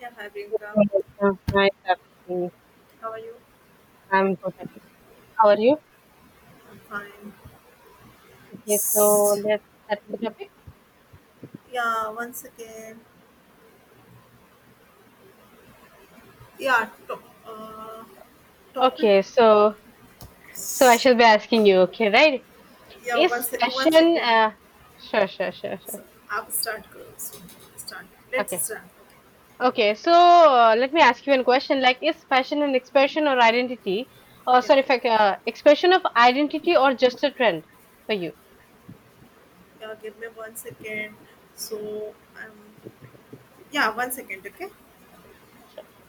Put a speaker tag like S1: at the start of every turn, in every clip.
S1: Yeah, hi Priyanka.
S2: Yes, hi, Sakshi.
S1: How are you?
S2: I'm good at this. How are you?
S1: I'm fine.
S2: Okay, so
S1: S-
S2: let's start with the topic.
S1: Yeah, once again. Yeah, to- uh,
S2: Okay, so I
S1: topics.
S2: shall be asking you. Okay, right?
S1: Yeah, one
S2: Is
S1: sec. One
S2: fashion?
S1: second.
S2: Sure, sure, sure, sure.
S1: So I'll start. Girl. So start. Let's
S2: Okay,
S1: start. Okay.
S2: okay. So let me ask you one question. Like, is fashion an expression or identity? Or
S1: Yeah.
S2: sorry, if I, ca- expression of identity or just a trend for you?
S1: Yeah. Give me one second. So um. Yeah, one second. Okay.
S2: Sure.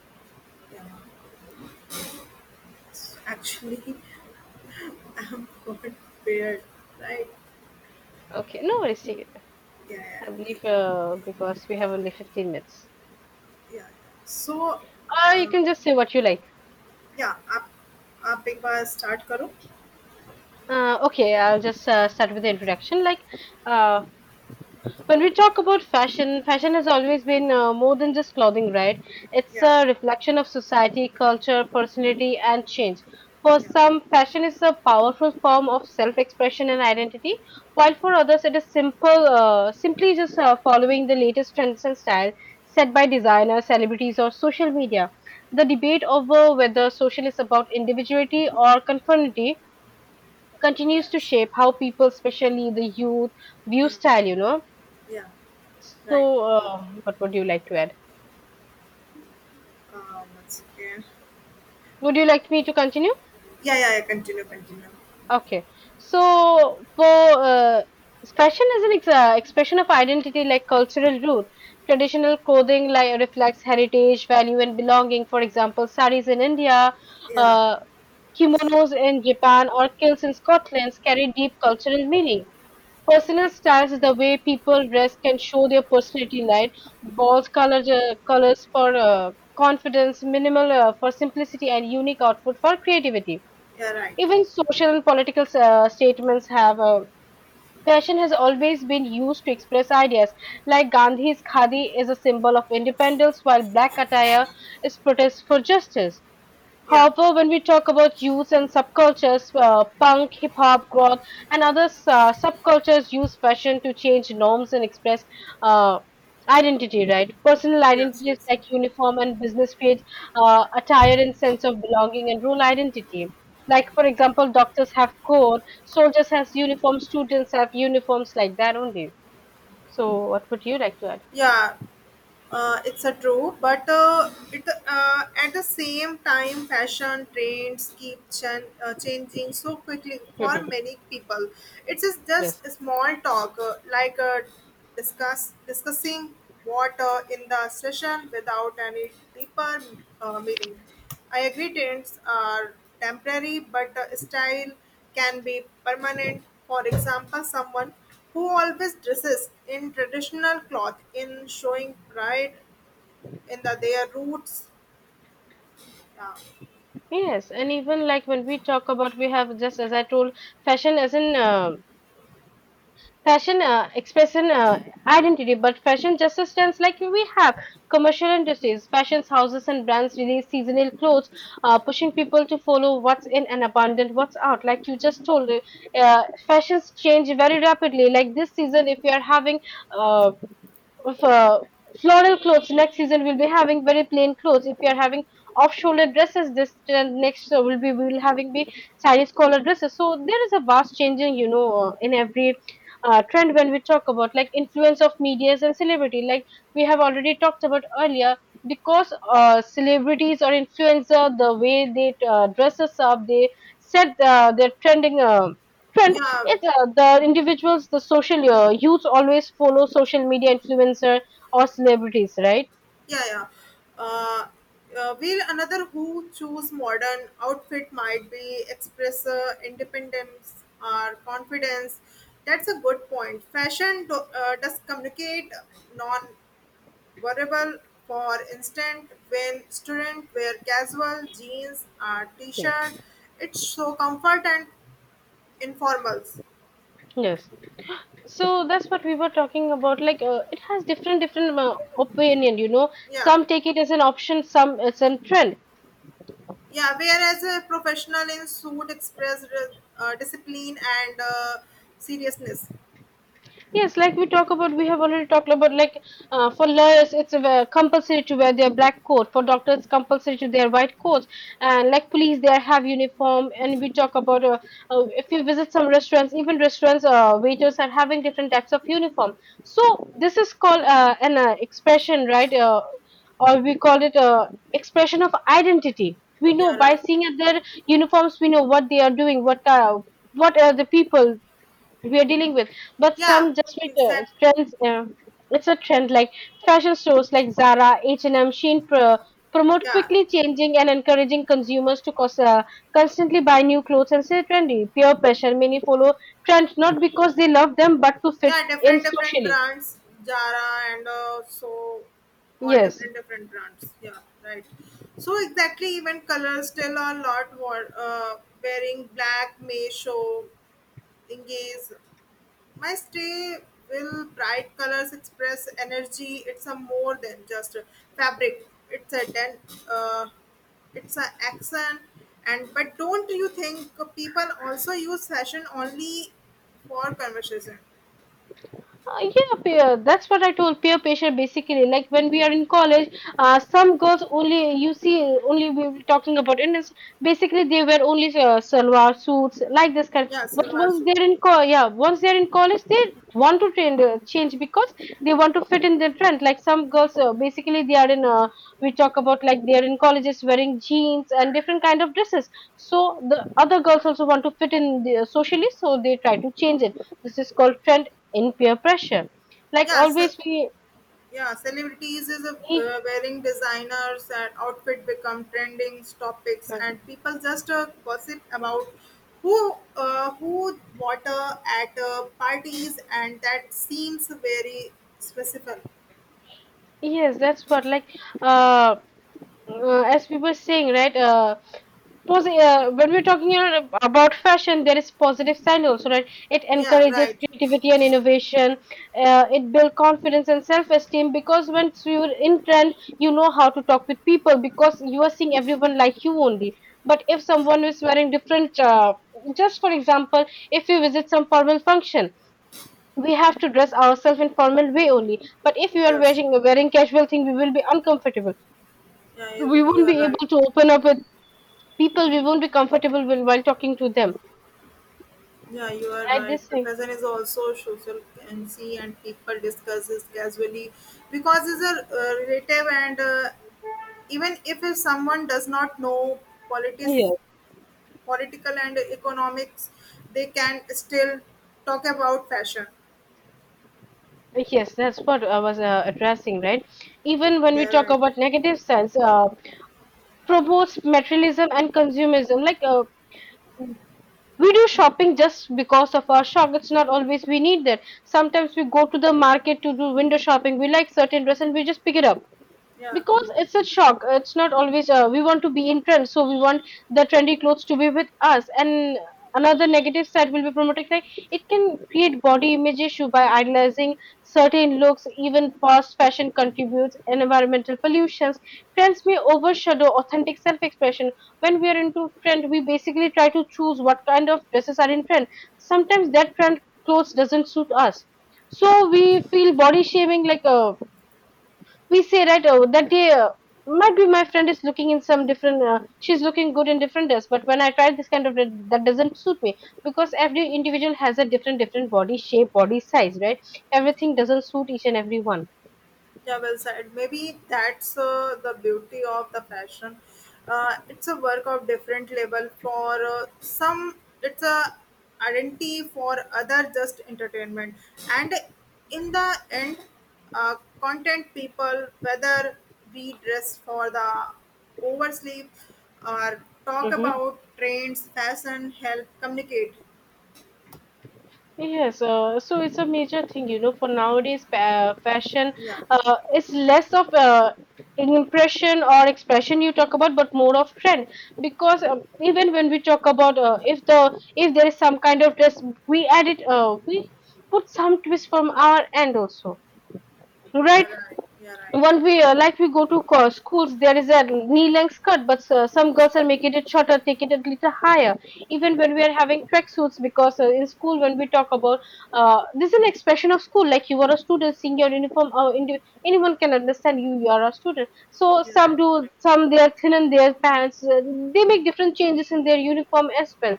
S1: Yeah. So actually, I'm quite prepared. Right.
S2: Okay, no worries. Take it.
S1: Yeah.
S2: I
S1: Yeah.
S2: believe because we have only 15 minutes.
S1: yeah. So,
S2: Or you
S1: uh,
S2: can just say what you like.
S1: yeah. आप आप एक बार start करो.
S2: Okay, I'll just start with the introduction. Like, uh, when we talk about fashion, fashion has always been more than just clothing, right? It's
S1: Yeah.
S2: a reflection of society, culture, personality, and change. For
S1: Yeah.
S2: some, fashion is a powerful form of self-expression and identity, while for others, simply just following the latest trends and style set by designers, celebrities, or social media. The debate over whether social is about individuality or conformity continues to
S1: Yes.
S2: shape how people, especially the youth, view
S1: Hmm.
S2: style.
S1: Yeah. Right.
S2: So, what would you like to add?
S1: Um, one second.
S2: Would you like me to continue?
S1: Yeah. Yeah. Yeah. Continue. Continue.
S2: Okay. So, for uh, fashion is an expression of identity like cultural root. Traditional clothing like reflects heritage, value, and belonging. For example, saris in India,
S1: Yeah.
S2: uh, kimonos in Japan, or kilts in Scotland carry deep cultural meaning. Personal styles is the way people dress can show their personality light, bold colors for confidence, minimal for simplicity, and unique outfit for creativity.
S1: Yeah. Right.
S2: Even social and political statements have fashion has always been used to express ideas. Like Gandhi's khadi is a symbol of independence, while black attire is protest for justice.
S1: Yeah.
S2: However, when we talk about youth and subcultures, punk, hip hop, growth, and other subcultures use fashion to change norms and express uh, identity, right? Personal
S1: Yes.
S2: identities
S1: Yes.
S2: like uniform and business create attire and sense of belonging and role identity. Like, for example, doctors have code, soldiers has uniforms, students have uniforms like that only. So, what would you like to add?
S1: Yeah. It's a true but it at the same time fashion trends keep changing so quickly for
S2: Mhm.
S1: many people, it's just
S2: Yes.
S1: a small talk, discussing water in the session without any deeper meaning. I agree trends are temporary, but style can be permanent. For example, someone who always dresses in traditional cloth in showing pride in the, their roots. Yeah,
S2: Yes, and even like when we talk about, we have just as I told, fashion as in fashion, expresses identity, but fashion just stands like we have commercial industries, fashion houses, and brands release seasonal clothes, pushing people to follow what's in and abundant what's out. Like you just told, fashions change very rapidly. Like this season, if you are having uh, of, uh, floral clothes, next season we'll be having very plain clothes. If we are having off shoulder dresses this next, will be we'll having be sarees collar dresses. So there is a vast changing, you know, in every trend. When we talk about like influence of medias and celebrity, like we have already talked about earlier, because celebrities or influencer, the way they dresses up, they set their trending trend.
S1: yeah,
S2: Yes, the individuals, the social youth always follow social media influencer or celebrities, right?
S1: yeah. yeah. Uh, while another who choose modern outfit might be express independence or confidence. That's a good point. Fashion does communicate non-verbal. For instance, when students wear casual jeans or
S2: Yes.
S1: t-shirt, it's so comfort and Informals,
S2: Yes. So that's what we were talking about. Like, it has different different opinion. You know,
S1: yeah,
S2: some take it as an option, some as a trend.
S1: yeah. Whereas a professional in suit express discipline and seriousness.
S2: Yes, like we talk about, we have already talked about, like for lawyers, it's compulsory to wear their black coat. For doctors, compulsory to their white coats. And like police, they have uniform. And we talk about if you visit some restaurants, even restaurants, waiters are having different types of uniform. So this is called an expression, right? Or we call it a expression of identity. We
S1: Yeah,
S2: know by
S1: right.
S2: seeing at their uniforms, we know what they are doing, what are the people we are dealing with, but
S1: Yeah,
S2: some just with uh,
S1: exact.
S2: trends uh, it's a trend. Like fashion stores like Zara, H&M, Shein promote
S1: Yeah,
S2: quickly changing and encouraging consumers to constantly buy new clothes and stay trendy. Peer pressure, many follow trends not because they love them but to fit
S1: yeah.
S2: in
S1: Different different
S2: socially.
S1: brands, Zara and all
S2: Yes.
S1: different different brands. Yeah, right. So exactly, even colors still a lot. What wearing black may show engage My stay will bright colors express energy. It's a more than just a fabric. Uh, it's an accent. And but don't you think people also use fashion only for conversation?
S2: Yeah, peer. That's what I told, peer pressure basically. Like when we are in college, some girls only you see, only we were talking about Indians. Basically, they wear only salwar suits like this kind.
S1: Yeah,
S2: But
S1: salwar
S2: once
S1: suit.
S2: they're in yeah, once they're in college, they want to change change because they want to fit in the trend. Like some girls, basically they are in. We talk about like they are in colleges wearing jeans and different kind of dresses. So the other girls also want to fit in the, socially, so they try to change it. This is called trend in peer pressure. Like
S1: Yeah, so.
S2: always, we
S1: Yeah, celebrities is a,
S2: we-
S1: wearing designers and outfit become trending topics, and people just gossip about who water at parties, and that seems very specific.
S2: yes, that's what like uh, as we were saying, right? When we're talking, you know, about fashion, there is positive side also, right? It
S1: Yeah,
S2: encourages
S1: right.
S2: creativity and innovation. It builds confidence and self-esteem, because once you're in trend, you know how to talk with people, because you are seeing everyone like you only. But if someone is wearing different, just for example, if you visit some formal function, we have to dress ourselves in formal way only. But if you are
S1: Yes.
S2: wearing casual thing, we will be uncomfortable.
S1: Yeah, you,
S2: We
S1: you
S2: won't
S1: are
S2: be
S1: right.
S2: able to open up with people. We won't be comfortable when, while talking to them.
S1: Yeah, you are
S2: Right? This
S1: right. The
S2: thing.
S1: present is also social and see and people discuss this casually because it's a relative and even if someone does not know politics
S2: Think,
S1: political and economics, they can still talk about fashion.
S2: yes, yes, that's what I was addressing, right? Even when we
S1: Yeah,
S2: talk
S1: right.
S2: about negative sense, promotes materialism and consumerism. Like we do shopping just because of our shock. It's not always we need that. Sometimes we go to the market to do window shopping. We like certain dress and we just pick it up
S1: Yeah.
S2: because it's a shock. It's not always we want to be in trend, so we want the trendy clothes to be with us. And another negative side will be promoting, like, it can create body image issue by idolizing certain looks. Even fast fashion contributes environmental pollutions. Trends may overshadow authentic self-expression. When we are into trend, we basically try to choose what kind of dresses are in trend. Sometimes that trend clothes doesn't suit us, so we feel body shaming. Like a, we say right, oh that day, might be my friend is looking in some different, she's looking good in different dress, but when I try this kind of dress, that doesn't suit me, because every individual has a different different body shape, body size, right? Everything doesn't suit each and every one.
S1: Yeah, well said. Maybe that's the beauty of the fashion. It's a work of different level. For some, it's a identity. For other, just entertainment. And in the end, uh, content people, whether we dress for the oversleep or talk
S2: Mhm.
S1: about trends, fashion, help communicate.
S2: Yes, so it's a major thing, you know, for nowadays, fashion
S1: Yeah,
S2: is less of an impression or expression you talk about, but more of trend. Because even when we talk about, if the if there is some kind of dress, we add it, we put some twist from our end also,
S1: yeah,
S2: right?
S1: right. Yeah, right.
S2: When we like we go to schools, there is a knee-length skirt, but some girls are making it shorter, taking it a little higher. Even when we are having tracksuits, because in school when we talk about this is an expression of school. Like you are a student, seeing your uniform, anyone can understand you. You are a student. So
S1: You're right.
S2: some do,
S1: Correct.
S2: some they are thin in their pants. They make different changes in their uniform as well,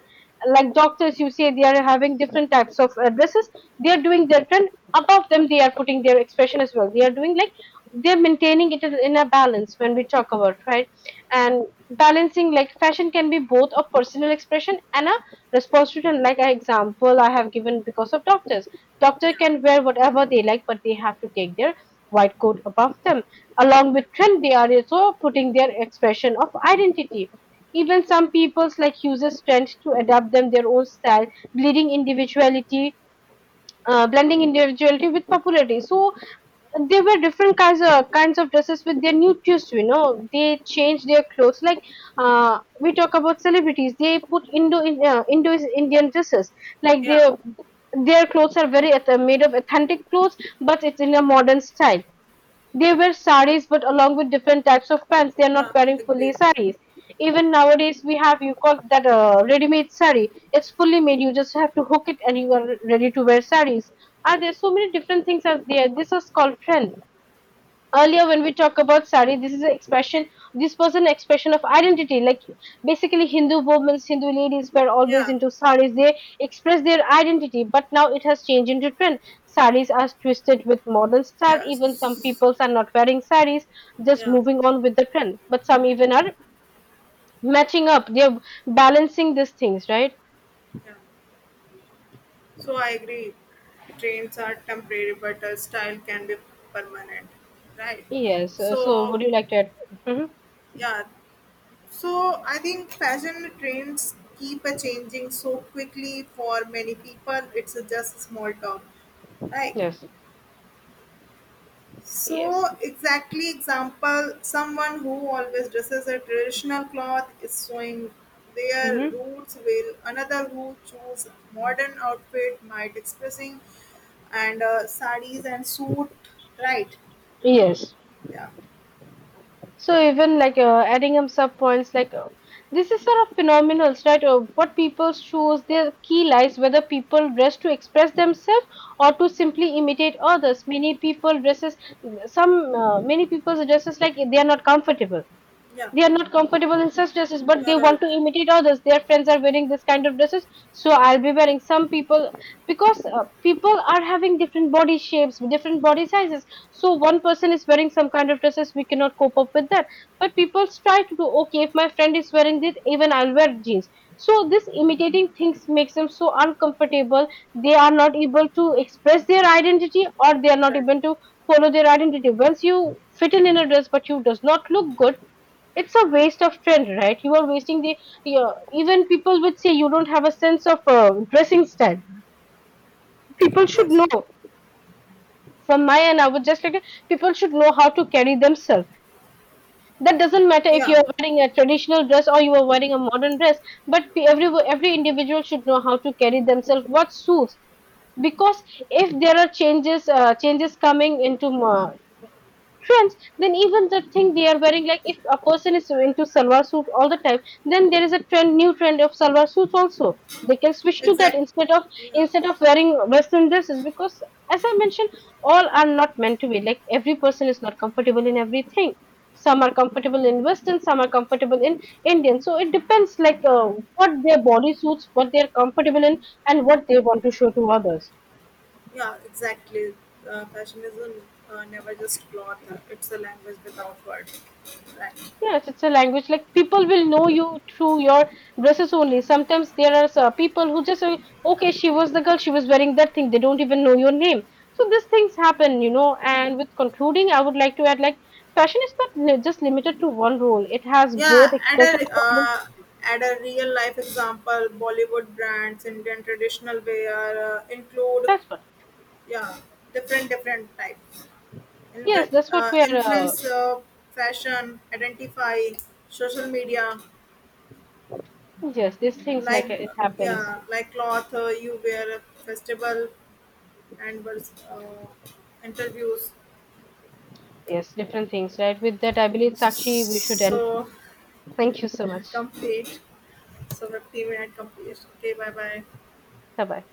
S2: like doctors you say they are having different types of addresses. They are doing different, above them they are putting their expression as well. They are doing like they're maintaining it in a balance when we talk about, right? And balancing, like, fashion can be both a personal expression and a response to trend. Like an example I have given, because of doctors, doctor
S1: Yeah.
S2: can wear whatever they like, but they have to take their white coat above them. Along
S1: Yeah.
S2: with trend, they are also putting their expression of identity. Even some peoples like uses trends to adapt them their own style, bleeding individuality, blending individuality with popularity. So there were different kinds of dresses with their new twist. You know, they change their clothes. Like we talk about celebrities, they put Indo Indian dresses. Like
S1: Yeah.
S2: their clothes are very made of authentic clothes, but it's in a modern style. They wear saris, but along with different types of pants, they are
S1: Yeah.
S2: not wearing
S1: Agree.
S2: fully saris. Even nowadays, we have you call that a ready-made sari. It's fully made. You just have to hook it, and you are ready to wear saris. Are there so many different things are there? This is called trend. Earlier, when we talk about sari, this is an expression, this was an expression of identity. Like basically Hindu women, Hindu ladies were always
S1: Yeah,
S2: into saris, they express their identity, but now it has changed into trend. Saris are twisted with modern style.
S1: yeah,
S2: Even some
S1: s-
S2: peoples are not wearing saris, just
S1: yeah,
S2: moving on with the trend, but some even are matching up, they're balancing these things, right?
S1: yeah. So I agree. Trains are temporary, but a style can be permanent, right? So
S2: Yeah. Hmm.
S1: yeah, so I think fashion trends keep a changing so quickly for many people. It's a just a small town, right? So exactly example, someone who always dresses a traditional cloth is showing their
S2: Hmm.
S1: roots while another who choose modern outfit might expressing and sarees and suit, right?
S2: Yes.
S1: yeah.
S2: So even like adding up sub points, like this is sort of phenomenal, right? What people choose, their key lies, whether people dress to express themselves or to simply imitate others. Many people dresses, some many people dresses like they are not comfortable.
S1: Yeah,
S2: They are not comfortable in such dresses, but
S1: you're
S2: they
S1: right.
S2: want to imitate others. Their friends are wearing this kind of dresses, so I'll be wearing some people because people are having different body shapes, different body sizes. So one person is wearing some kind of dresses, we cannot cope up with that. But people try to do, okay if my friend is wearing this, even I'll wear jeans. So this imitating things makes them so uncomfortable. They are not able to express their identity, or they are not
S1: Right.
S2: able to follow their identity. Once you fit in a dress, but you does not look good, it's a waste of trend, right? You are wasting the, yeah, even people would say you don't have a sense of dressing style. People should know,
S1: Yes.
S2: from my end I would just like people should know how to carry themselves. That doesn't matter if
S1: yeah
S2: you're wearing a traditional dress or you are wearing a modern dress, but every individual should know how to carry themselves, what suits, because if there are changes coming into uh, trends, then even the thing they are wearing, like if a person is into salwar suit all the time, then there is a trend, new trend of salwar suits also, they can switch to that
S1: exactly.
S2: instead of
S1: Yeah.
S2: instead of wearing western dresses, because as I mentioned, all are not meant to be, like every person is not comfortable in everything. Some are comfortable in western, some are comfortable in Indian. So it depends, like what their body suits, what they are comfortable in, and what they want to show to others.
S1: Yeah. Exactly. Fashion is a, never just cloth. It's a language without words. Right.
S2: Yes, it's a language. Like people will know you through your dresses only. Sometimes there are people who just say, okay, she was the girl, she was wearing that thing. They don't even know your name. So these things happen, you know. And with concluding, I would like to add, like, fashion is not just limited to one role. It has
S1: Yeah,
S2: both expression. And
S1: at a real life example, Bollywood brands, Indian traditional wear include
S2: that's what.
S1: yeah different different types.
S2: Yes,
S1: Inve-
S2: that's what we are.
S1: influence fashion, identify social media,
S2: Yes, these things, like
S1: like
S2: it happens.
S1: yeah like cloth you wear festival and interviews.
S2: Yes, different things, right? With that, I believe Sakshi, we should end.
S1: So
S2: Thank you so much.
S1: complete. So 15-minute complete. Okay, bye bye.
S2: Bye bye.